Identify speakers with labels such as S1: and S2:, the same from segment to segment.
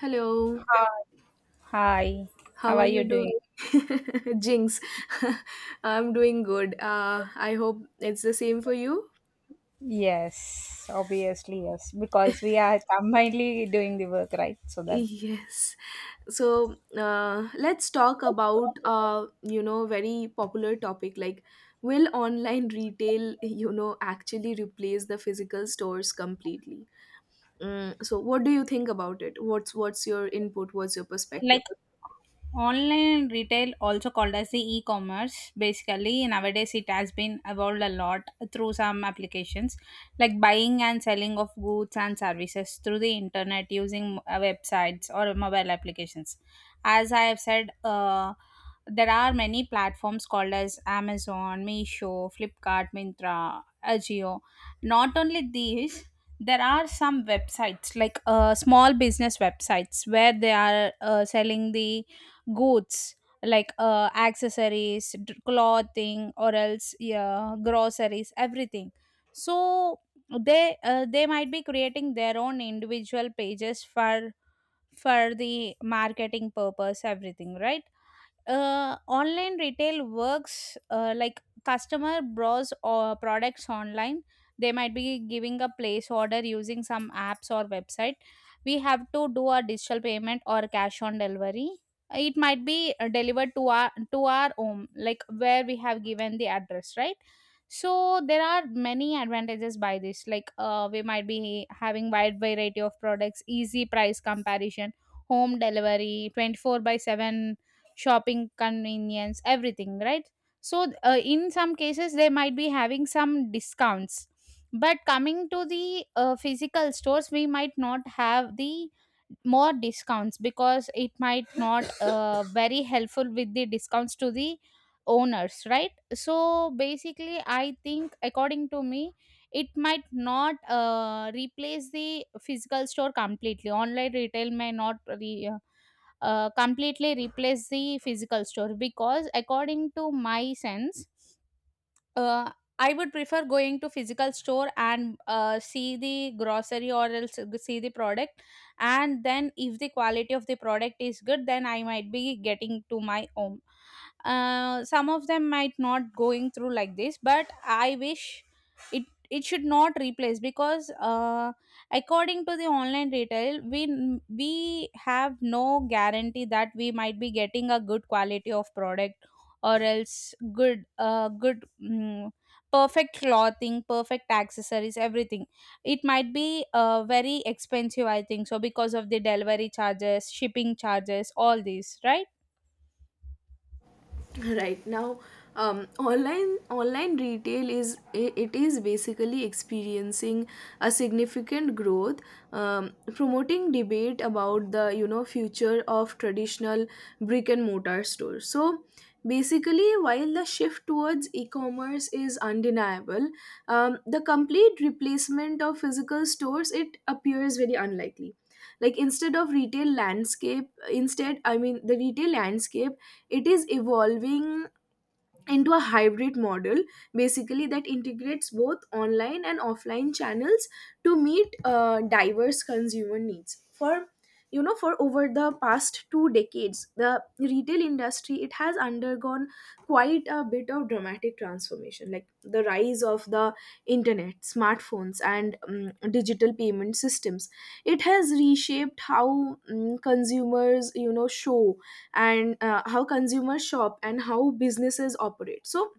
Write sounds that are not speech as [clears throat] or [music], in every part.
S1: Hello,
S2: Hi. Hi,
S1: how
S2: how
S1: are
S2: are you
S1: you doing?
S2: doing?
S1: [laughs] Jinx, [laughs] I'm doing good. I hope it's the same for you.
S2: Yes, obviously, yes, because we are [laughs] combinedly doing the work, right? So that's
S1: Yes. So let's talk about very popular topic like will online retail actually replace the physical stores completely? So what do you think about it? What's your input? What's your
S2: like
S1: perspective?
S2: online retail, also called as the e-commerce, basically nowadays it has been evolved a lot through some applications, like buying and selling of goods and services through the internet using websites or mobile applications. As I have said, there are many platforms called as Amazon, Meesho, Flipkart, Mintra, Ajio. Not only these, there are some websites, like small business websites where they are selling the goods, like accessories, clothing, or else yeah, groceries, everything. So they might be creating their own individual pages for the marketing purpose, everything, right? Online retail works like customer browse or products online. They might be giving a place order using some apps or website. We have to do a digital payment or cash on delivery. It might be delivered to our home, like where we have given the address, right? So there are many advantages by this, like we might be having wide variety of products, easy price comparison, home delivery 24 by 7, shopping convenience, everything, right? So in some cases they might be having some discounts, but coming to the physical stores we might not have the more discounts, because it might not very helpful with the discounts to the owners, right? So basically I think, according to me, it might not replace the physical store completely. Online retail may not completely replace the physical store, because according to my sense, uh, I would prefer going to physical store and see the grocery or else see the product, and then if the quality of the product is good, then I might be getting to my home. Some of them might not going through like this, but I wish it should not replace, because according to the online retail, we have no guarantee that we might be getting a good quality of product or else good perfect clothing, perfect accessories, everything. It might be very expensive, I think so, because of the delivery charges, shipping charges, all these, right?
S1: Right now, online retail is it is basically experiencing a significant growth, promoting debate about the future of traditional brick and mortar stores. So basically, while the shift towards e-commerce is undeniable, the complete replacement of physical stores, it appears very unlikely. Like instead of retail landscape instead I mean The retail landscape, it is evolving into a hybrid model, basically that integrates both online and offline channels to meet diverse consumer needs. For for over the past two decades, the retail industry, it has undergone quite a bit of dramatic transformation, like the rise of the internet, smartphones, and digital payment systems. It has reshaped how consumers you know show and how consumers shop and how businesses operate. So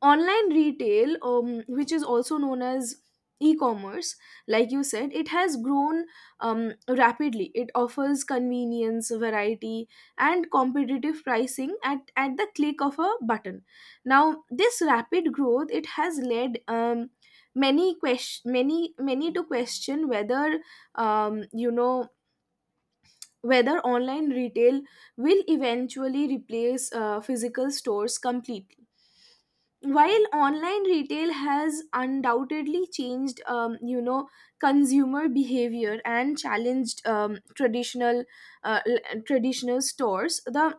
S1: online retail, which is also known as e-commerce, like you said, it has grown rapidly. It offers convenience, variety, and competitive pricing at the click of a button. Now, this rapid growth, it has led many to question whether, um, you know whether online retail will eventually replace physical stores completely. While online retail has undoubtedly changed, consumer behavior and challenged traditional stores, the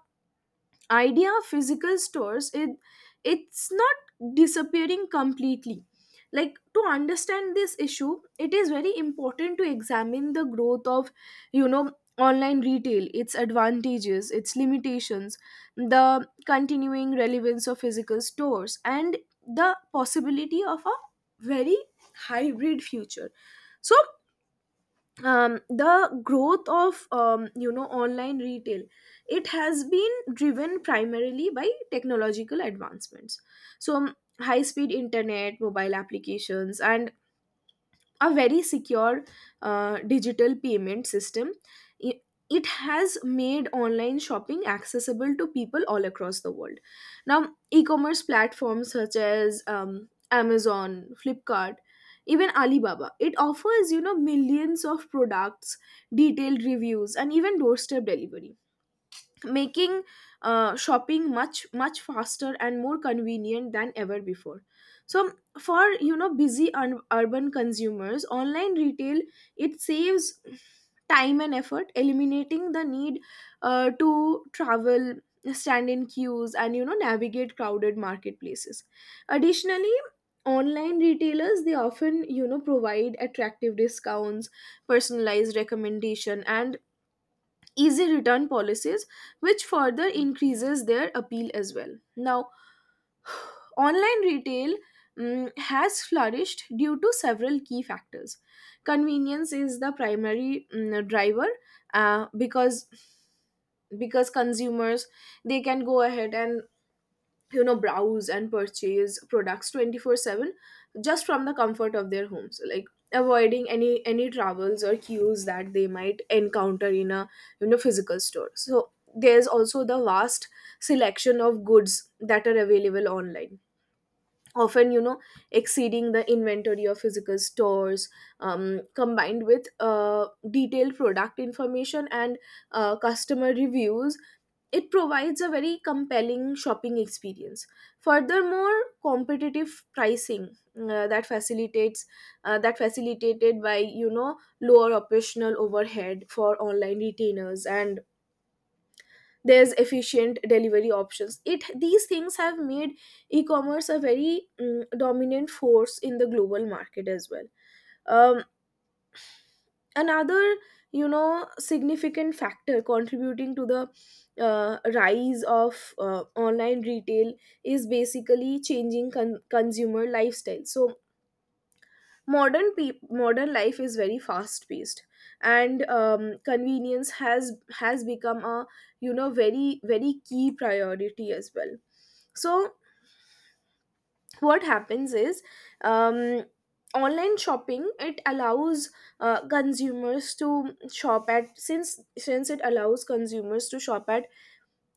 S1: idea of physical stores, it's not disappearing completely. Like, to understand this issue, it is very important to examine the growth of, you know online retail, its advantages, its limitations, the continuing relevance of physical stores, and the possibility of a very hybrid future. So, the growth of, online retail, it has been driven primarily by technological advancements. So, high speed internet, mobile applications, and a very secure digital payment system. I- It has made online shopping accessible to people all across the world. Now, e commerce platforms such as Amazon, Flipkart, even Alibaba, it offers you know millions of products, detailed reviews, and even doorstep delivery, making shopping much much faster and more convenient than ever before. So for busy urban consumers, online retail, it saves time and effort, eliminating the need to travel, stand in queues, and navigate crowded marketplaces. Additionally, online retailers, they often provide attractive discounts, personalized recommendation, and easy return policies, which further increases their appeal as well. Now, online retail has flourished due to several key factors. Convenience is the primary driver uh, because because consumers, they can go ahead and browse and purchase products 24/7, just from the comfort of their homes, like avoiding any travels or queues that they might encounter in a physical store. So there's also the vast selection of goods that are available online, often exceeding the inventory of physical stores, combined with detailed product information and customer reviews. It provides a very compelling shopping experience. Furthermore, competitive pricing uh, that facilitates that facilitated by lower operational overhead for online retailers, and there's efficient delivery options. It These things have made e-commerce a very dominant force in the global market as well. Um, Another significant factor contributing to the rise of online retail is basically changing consumer lifestyle. So modern life is very fast paced, and convenience has become a very very key priority as well. So what happens is, um, online shopping, it allows consumers to shop at since it allows consumers to shop at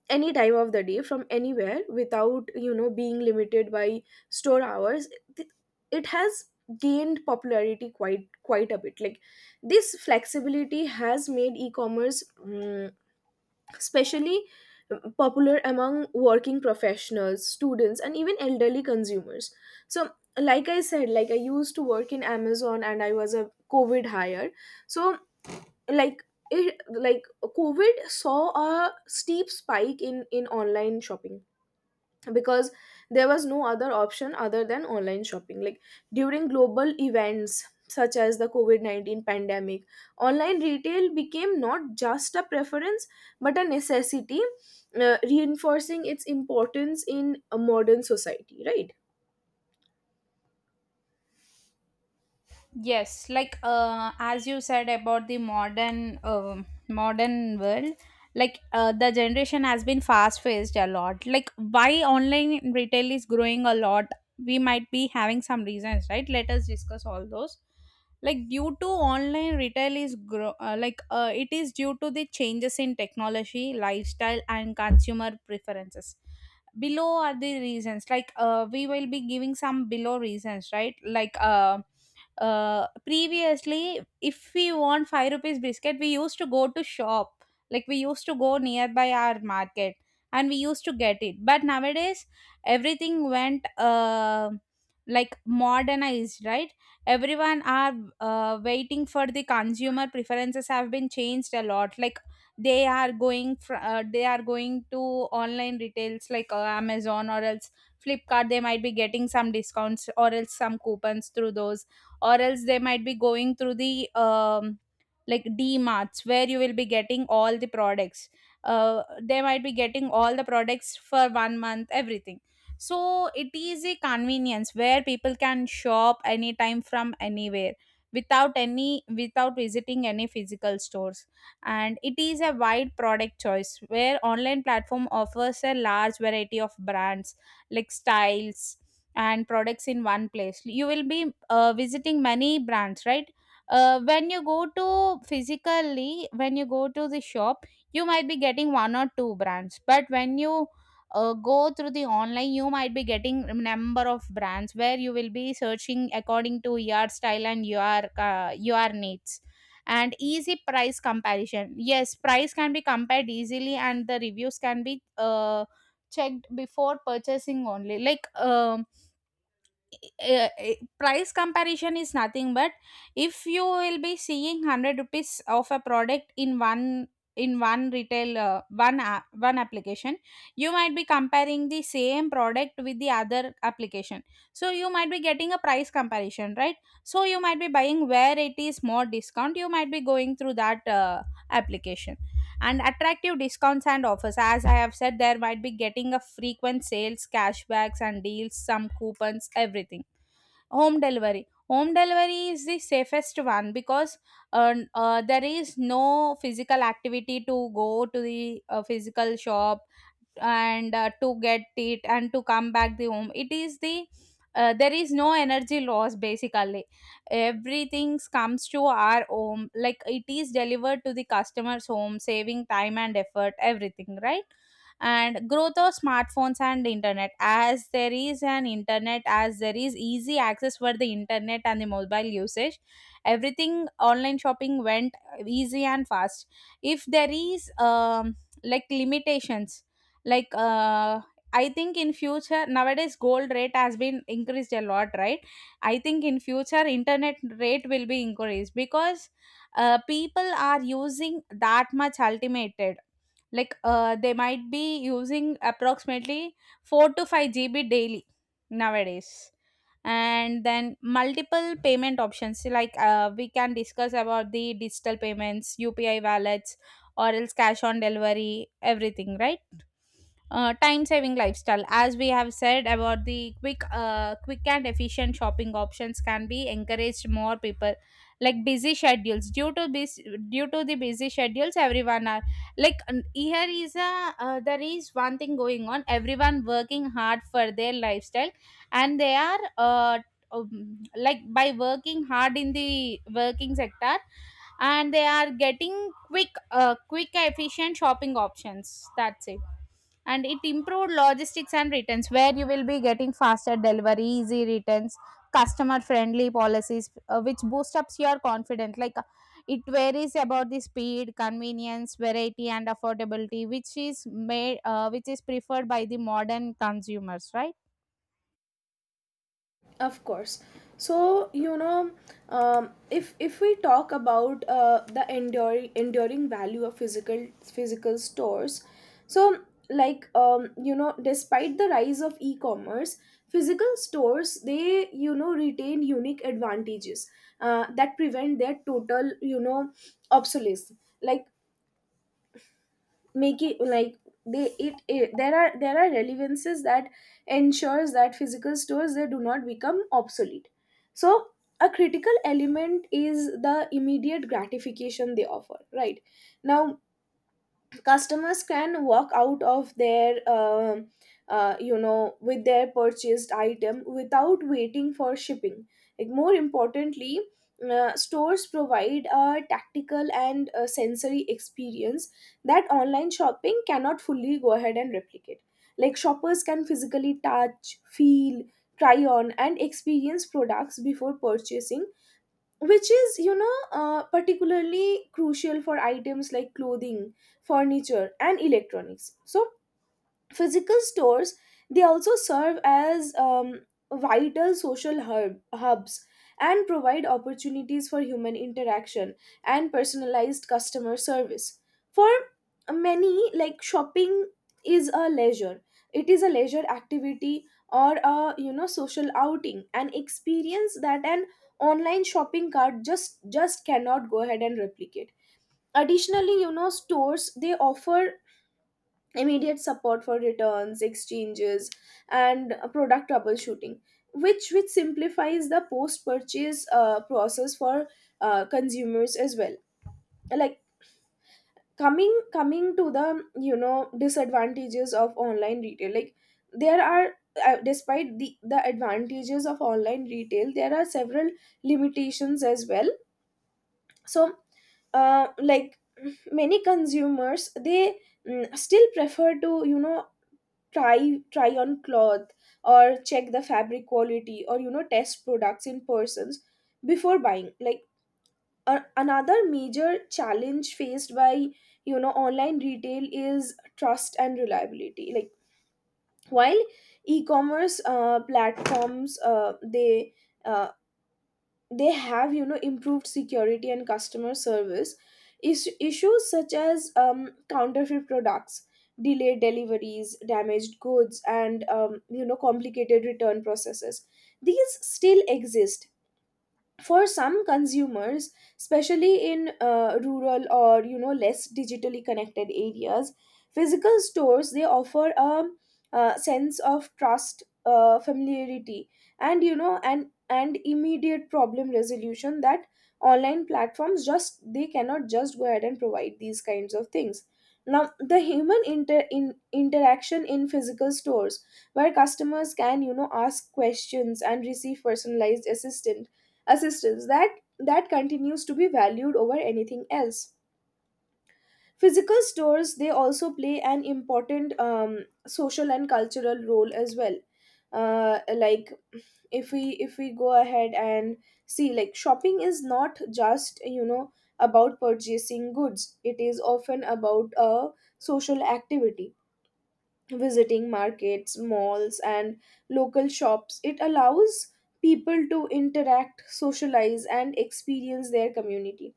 S1: any time of the day from anywhere without being limited by store hours, it it has gained popularity quite quite a bit. Like, this flexibility has made e-commerce especially popular among working professionals, students, and even elderly consumers. So like I said, like I used to work in Amazon and I was a COVID hire. So like it like COVID saw a steep spike in online shopping, because there was no other option other than online shopping. Like, during global events such as the covid-19 pandemic, online retail became not just a preference, but a necessity, reinforcing its importance in a modern society, right?
S2: Yes, like as you said about the modern world, like the generation has been fast paced a lot. Like why online retail is growing a lot, we might be having some reasons, right? Let us discuss all those. Like due to online retail is grow like it is due to the changes in technology, lifestyle, and consumer preferences. Below are the reasons, like we will be giving some below reasons, right? Like previously if we want 5 rupees biscuit, we used to go to shop, like we used to go nearby our market and we used to get it. But nowadays everything went like modernized, right? Everyone are waiting for the consumer preferences have been changed a lot. Like they are going to online retails like Amazon or else Flipkart, they might be getting some discounts or else some coupons through those. Or else they might be going through the like D Dmarts, where you will be getting all the products. They might be getting all the products for 1 month, everything. So it is a convenience where people can shop anytime from anywhere without any, without visiting any physical stores. And it is a wide product choice, where online platform offers a large variety of brands, like styles and products in one place. You will be visiting many brands, right? When you go to physically, when you go to the shop, you might be getting one or two brands, but when you go through the online, you might be getting a number of brands where you will be searching according to your style and your needs. And easy price comparison, yes, price can be compared easily and the reviews can be checked before purchasing only, like uh, uh, price comparison is nothing but if you will be seeing 100 rupees of a product in one retail, one one application, you might be comparing the same product with the other application. So you might be getting a price comparison, right? So you might be buying where it is more discount, you might be going through that application. And attractive discounts and offers, as I have said, there might be getting a frequent sales, cashbacks and deals, some coupons, everything. Home delivery, home delivery is the safest one, because there is no physical activity to go to the physical shop and to get it and to come back the home. It is the there is no energy loss basically. Everything comes to our home, like it is delivered to the customer's home, saving time and effort, everything, right? And growth of smartphones and internet, as there is an internet, as there is easy access for the internet and the mobile usage, everything, online shopping went easy and fast. If there is like limitations, like I think in future, nowadays gold rate has been increased a lot, right? I think in future internet rate will be increased, because people are using that much ultimate, like they might be using approximately 4 to 5 GB daily nowadays. And then multiple payment options, like we can discuss about the digital payments, UPI wallets, or else cash on delivery, everything, right? Time saving lifestyle, as we have said about the quick and efficient shopping options, can be encouraged more people, like busy schedules. Due to this, due to the busy schedules everyone are, like here is a there is one thing going on, everyone working hard for their lifestyle, and they are like by working hard in the working sector, and they are getting quick efficient shopping options, that's it. And it improved logistics and returns, where you will be getting faster delivery, easy returns, customer friendly policies, which boost up your confidence, like it varies about the speed, convenience, variety and affordability, which is made which is preferred by the modern consumers, right?
S1: Of course. So if we talk about the enduring value of physical stores, so despite the rise of e-commerce, physical stores, they retain unique advantages that prevent their total obsolescence. Like make it like they it, it there are relevances that ensures that physical stores, they do not become obsolete. So, a critical element is the immediate gratification they offer, right? Now, customers can walk out of their with their purchased item without waiting for shipping. Like, more importantly, stores provide a tactical and sensory experience that online shopping cannot fully go ahead and replicate. Like, shoppers can physically touch, feel, try on, and experience products before purchasing, which is particularly crucial for items like clothing, furniture, and electronics. So physical stores, they also serve as vital social hubs, and provide opportunities for human interaction and personalized customer service. For many, like, shopping is a leisure, it is a leisure activity, or a social outing, an experience that an online shopping cart just cannot go ahead and replicate. Additionally, stores, they offer immediate support for returns, exchanges, and product troubleshooting, which simplifies the post-purchase process for consumers as well. Like, coming to the disadvantages of online retail, like, there are. Despite the advantages of online retail, there are several limitations as well. So like, many consumers, they still prefer to try on cloth, or check the fabric quality, or test products in persons before buying. Like, another major challenge faced by online retail is trust and reliability. Like, while e-commerce platforms uh, they have improved security and customer service, issues such as counterfeit products, delayed deliveries, damaged goods, and complicated return processes, these still exist. For some consumers, especially in rural or less digitally connected areas, physical stores, they offer a sense of trust, familiarity, and immediate problem resolution that online platforms just they cannot just go ahead and provide these kinds of things. Now, the human interaction in physical stores, where customers can ask questions and receive personalized assistance that continues to be valued over anything else. Physical stores, they also play an important social and cultural role as well. Like, if we go ahead and see, like, shopping is not just about purchasing goods, it is often about a social activity. Visiting markets, malls, and local shops, it allows people to interact, socialize, and experience their community.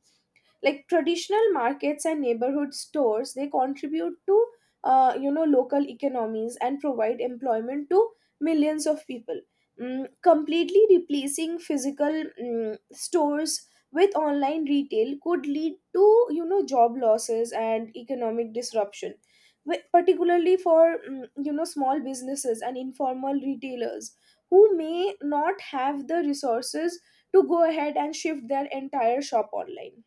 S1: Like, traditional markets and neighborhood stores, they contribute to local economies and provide employment to millions of people. Completely replacing physical stores with online retail could lead to job losses and economic disruption, particularly for small businesses and informal retailers, who may not have the resources to go ahead and shift their entire shop online.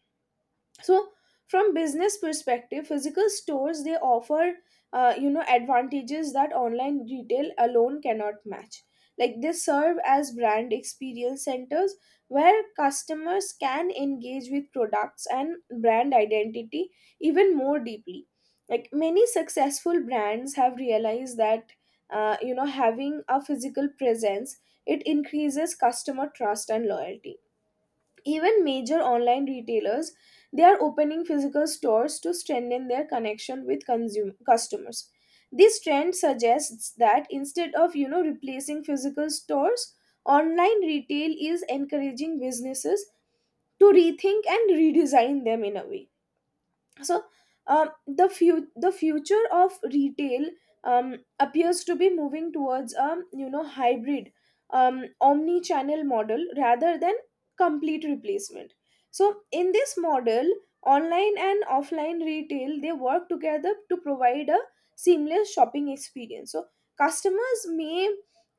S1: So from business perspective, physical stores, they offer advantages that online retail alone cannot match. Like, they serve as brand experience centers, where customers can engage with products and brand identity even more deeply. Like, many successful brands have realized that having a physical presence, it increases customer trust and loyalty. Even major online retailers, they are opening physical stores to strengthen their connection with consumer customers. This trend suggests that instead of replacing physical stores, online retail is encouraging businesses to rethink and redesign them in a way. So the future of retail appears to be moving towards a hybrid, omni channel model rather than complete replacement. So in this model, online and offline retail they work together to provide a seamless shopping experience. So customers may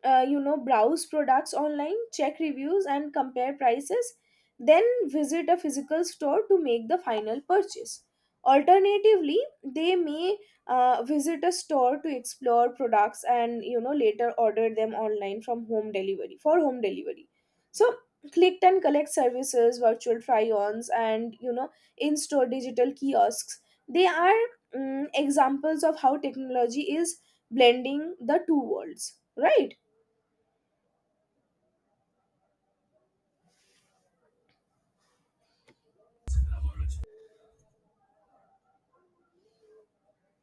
S1: browse products online, check reviews and compare prices, then visit a physical store to make the final purchase. Alternatively, they may visit a store to explore products and later order them online from home delivery for home delivery. So click and collect services, virtual try-ons and in-store digital kiosks, they are examples of how technology is blending the two worlds, right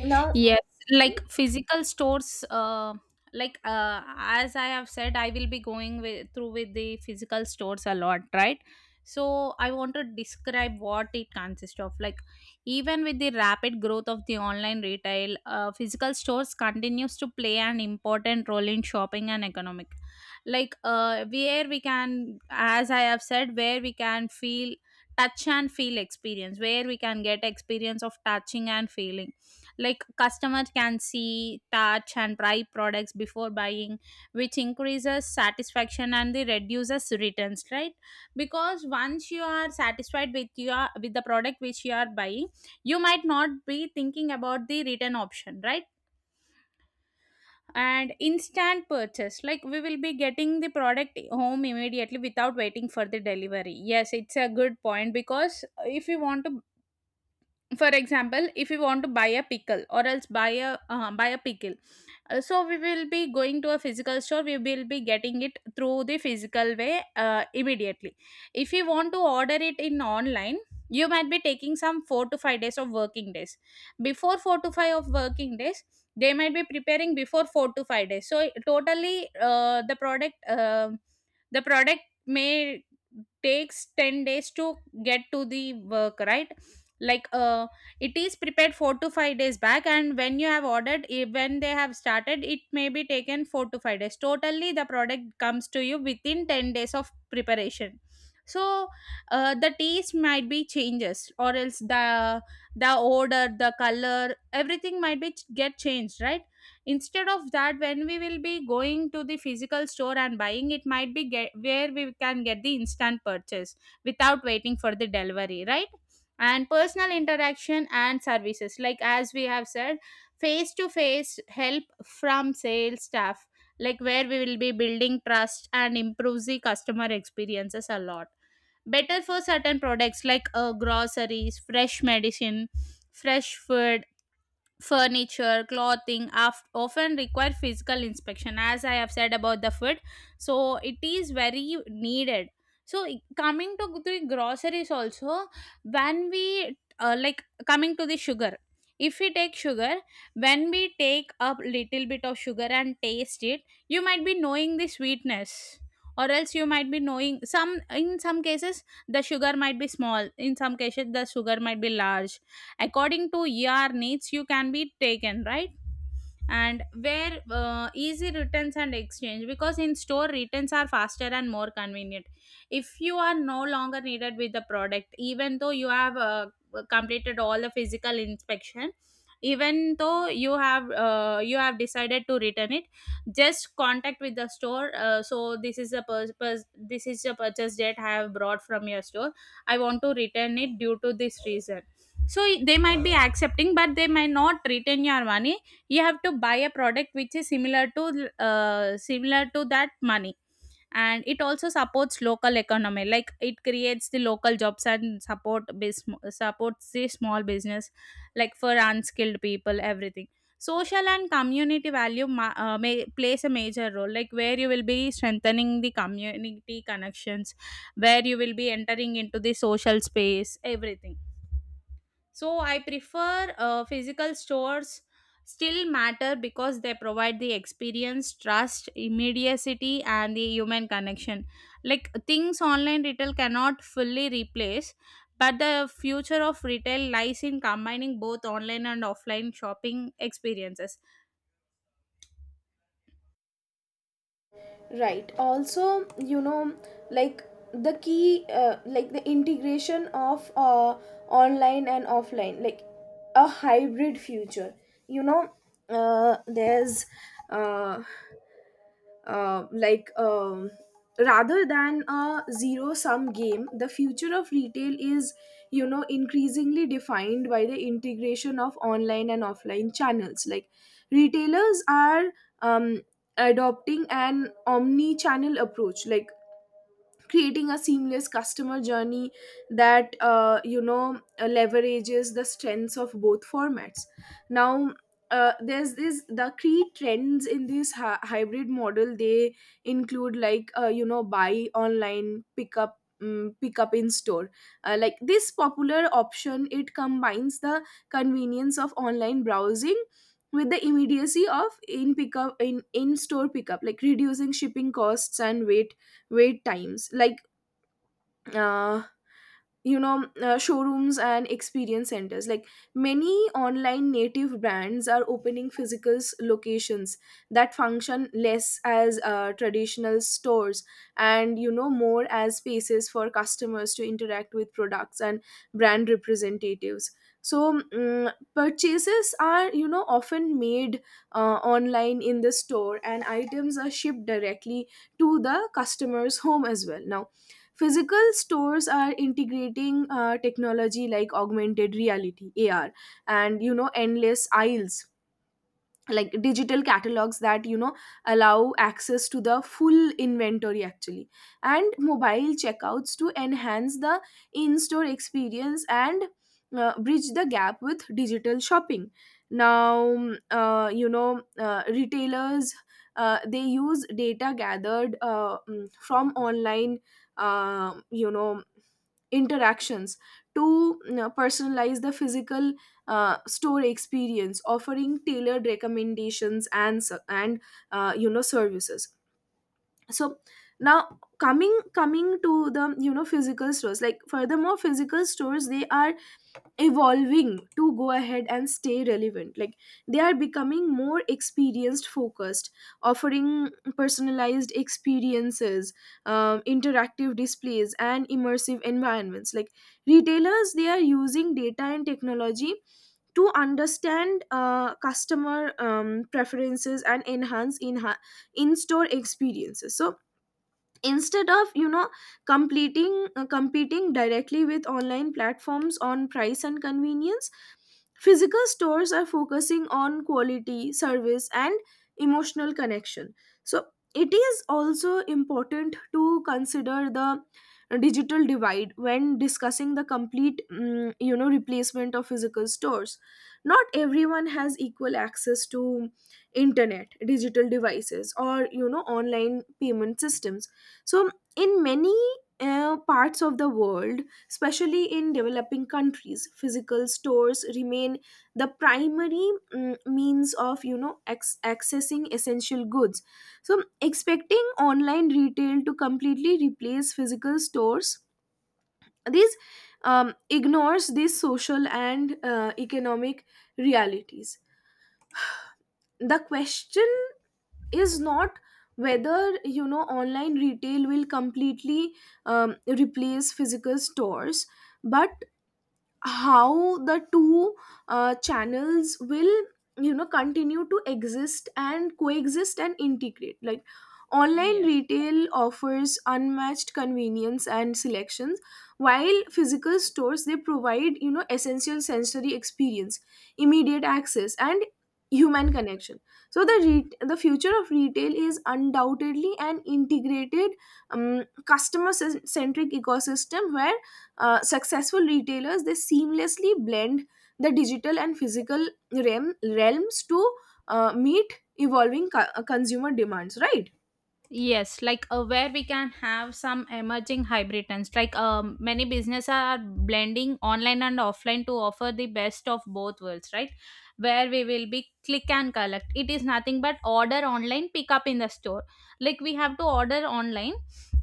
S1: now.
S2: Yes, like physical stores. Like as I have said, I will be going with, through with the physical stores a lot, right? So I want to describe what it consists of. Like even with the rapid growth of the online retail, physical stores continues to play an important role in shopping and economic. Like where we can, as I have said, where we can feel touch and feel experience, where we can get experience of touching and feeling, like customers can see, touch and try products before buying, which increases satisfaction and the reduces returns, right? Because once you are satisfied with your, with the product which you are buying, you might not be thinking about the return option, right? And instant purchase, like we will be getting the product home immediately without waiting for the delivery. Yes, it's a good point, because if you want to, for example, if you want to buy a pickle or else buy a pickle. So we will be going to a physical store, we will be getting it through the physical way, immediately. If you want to order it in online, you might be taking some 4 to 5 days of working days. Before 4 to 5 of working days they might be preparing. Before 4 to 5 days, so totally, the product, the product may takes 10 days to get to the work, right? Like it is prepared 4 to 5 days back, and when you have ordered, when they have started, it may be taken 4 to 5 days. Totally the product comes to you within 10 days of preparation. So the taste might be changes or else the odor, the color, everything might be get changed, right? Instead of that, when we will be going to the physical store and buying, it might be get, where we can get the instant purchase without waiting for the delivery, right? And personal interaction and services, like as we have said, face to face help from sales staff, like where we will be building trust and improves the customer experiences a lot. Better for certain products, like groceries, fresh medicine, fresh food, furniture, clothing, often require physical inspection. As I have said about the food, so it is very needed. So coming to the groceries also, when we like coming to the sugar, if we take sugar, when we take a little bit of sugar and taste it, you might be knowing the sweetness Or else you might be knowing some, in some cases the sugar might be small, in some cases the sugar might be large. According to your needs you can be taken, right? And where easy returns and exchange, because in store returns are faster and more convenient. If you are no longer needed with the product, even though you have completed all the physical inspection, even though you have decided to return it, just contact with the store. So this is the this is the purchase that I have brought from your store, I want to return it due to this reason. So they might be accepting, but they might not return your money. You have to buy a product which is similar to similar to that money. And it also supports local economy, like it creates the local jobs and support supports the small business, like for unskilled people, everything. Social and community value may plays a major role, like where you will be strengthening the community connections, where you will be entering into the social space, everything. So I prefer physical stores still matter because they provide the experience, trust, immediacy, and the human connection. Like things online retail cannot fully replace, but the future of retail lies in combining both online and offline shopping experiences.
S1: Right, also, like the key like the integration of online and offline, like a hybrid future, you know there's uh, like rather than a zero sum game, the future of retail is increasingly defined by the integration of online and offline channels. Like retailers are um, adopting an omni-channel approach, like creating a seamless customer journey that leverages the strengths of both formats. Now, there's this the key trends in this hybrid model, they include, like buy online pick up, pick up in store. Uh, like this popular option, it combines the convenience of online browsing with the immediacy of in pickup in store pickup, like reducing shipping costs and wait times. Like uh, showrooms and experience centers, like many online native brands are opening physical locations that function less as traditional stores and more as spaces for customers to interact with products and brand representatives. So purchases are often made online in the store and items are shipped directly to the customer's home as well. Now, physical stores are integrating technology like augmented reality (AR) and endless aisles, like digital catalogs that allow access to the full inventory actually, and mobile checkouts to enhance the in-store experience and bridge the gap with digital shopping. Now, retailers, they use data gathered from online uh, you know interactions to, personalize the physical store experience, offering tailored recommendations and services. So now, coming to the physical stores, like furthermore, physical stores, they are evolving to go ahead and stay relevant. Like they are becoming more experienced focused, offering personalized experiences, interactive displays and immersive environments. Like retailers, they are using data and technology to understand customer preferences and enhance in in-store experiences. So instead of you know completing competing directly with online platforms on price and convenience, physical stores are focusing on quality service and emotional connection. So it is also important to consider the digital divide when discussing the complete replacement of physical stores. Not everyone has equal access to internet digital devices or online payment systems. So in many parts of the world, especially in developing countries, physical stores remain the primary means of accessing essential goods. So, expecting online retail to completely replace physical stores, this ignores these social and economic realities. The question is not whether online retail will completely replace physical stores, but how the two channels will continue to exist and coexist and integrate. Like online
S2: Yes.
S1: retail offers unmatched convenience and selections, while physical stores, they provide essential sensory experience, immediate access and human connection. So the the future of retail is undoubtedly an integrated, customer centric ecosystem where successful retailers, they seamlessly blend the digital and physical realms to meet evolving consumer demands, right?
S2: Yes, like where we can have some emerging hybrid trends. Like many businesses are blending online and offline to offer the best of both worlds, right? Where we will be click and collect. It is nothing but order online, pick up in the store. Like we have to order online,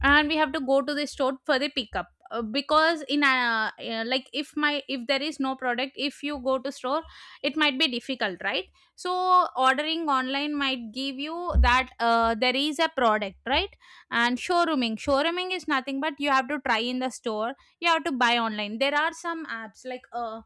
S2: and we have to go to the store for the pickup. Because in like if there is no product, if you go to store, it might be difficult, right? So ordering online might give you that, there is a product, right? And showrooming, showrooming is nothing but you have to try in the store, you have to buy online. There are some apps like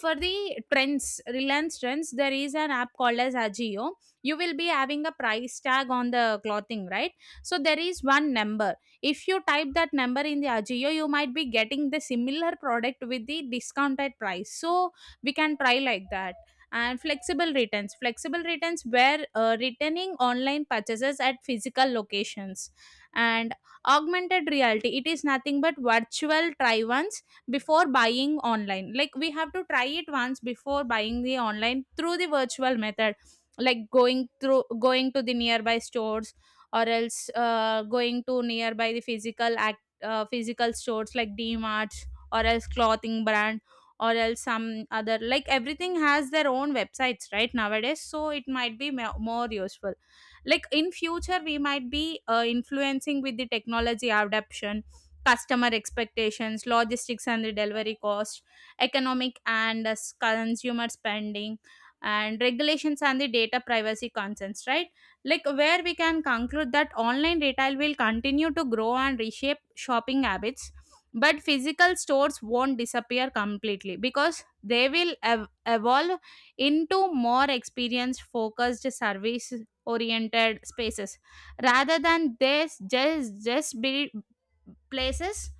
S2: for the trends, Reliance Trends, there is an app called as Ajio. You will be having a price tag on the clothing, right? So there is one number, if you type that number in the Ajio, you might be getting the similar product with the discounted price. So we can try like that. And flexible returns, flexible returns were returning online purchases at physical locations. And augmented reality, it is nothing but virtual try once before buying online. Like we have to try it once before buying the online through the virtual method, like going to the nearby stores, or else going to nearby the physical act, physical stores like D dmarts or else clothing brand or else some other. Like everything has their own websites, right, nowadays, so it might be more useful. Like in future we might be influencing with the technology adoption, customer expectations, logistics and the delivery cost, economic and consumer spending, and regulations and the data privacy concerns, right? Like where we can conclude that online retail will continue to grow and reshape shopping habits, but physical stores won't disappear completely because they will evolve into more experience focused, service oriented spaces, rather than this just be places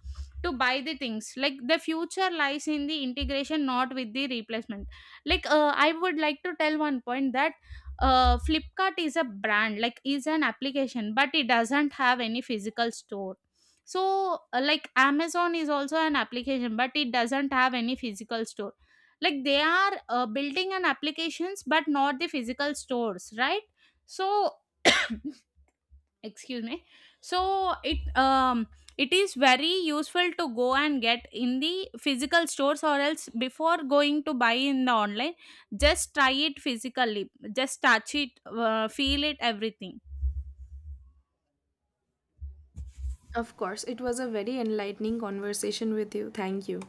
S2: to buy the things. Like the future lies in the integration, not with the replacement. Like I would like to tell one point that Flipkart is a brand, like is an application, but it doesn't have any physical store. So like Amazon is also an application, but it doesn't have any physical store. Like they are building an applications, but not the physical stores, right? So [clears throat] excuse me. So it, it is very useful to go and get in the physical stores, or else before going to buy in the online, just try it physically, just touch it, feel it, everything.
S1: Of course. It was a very enlightening conversation with you. Thank you.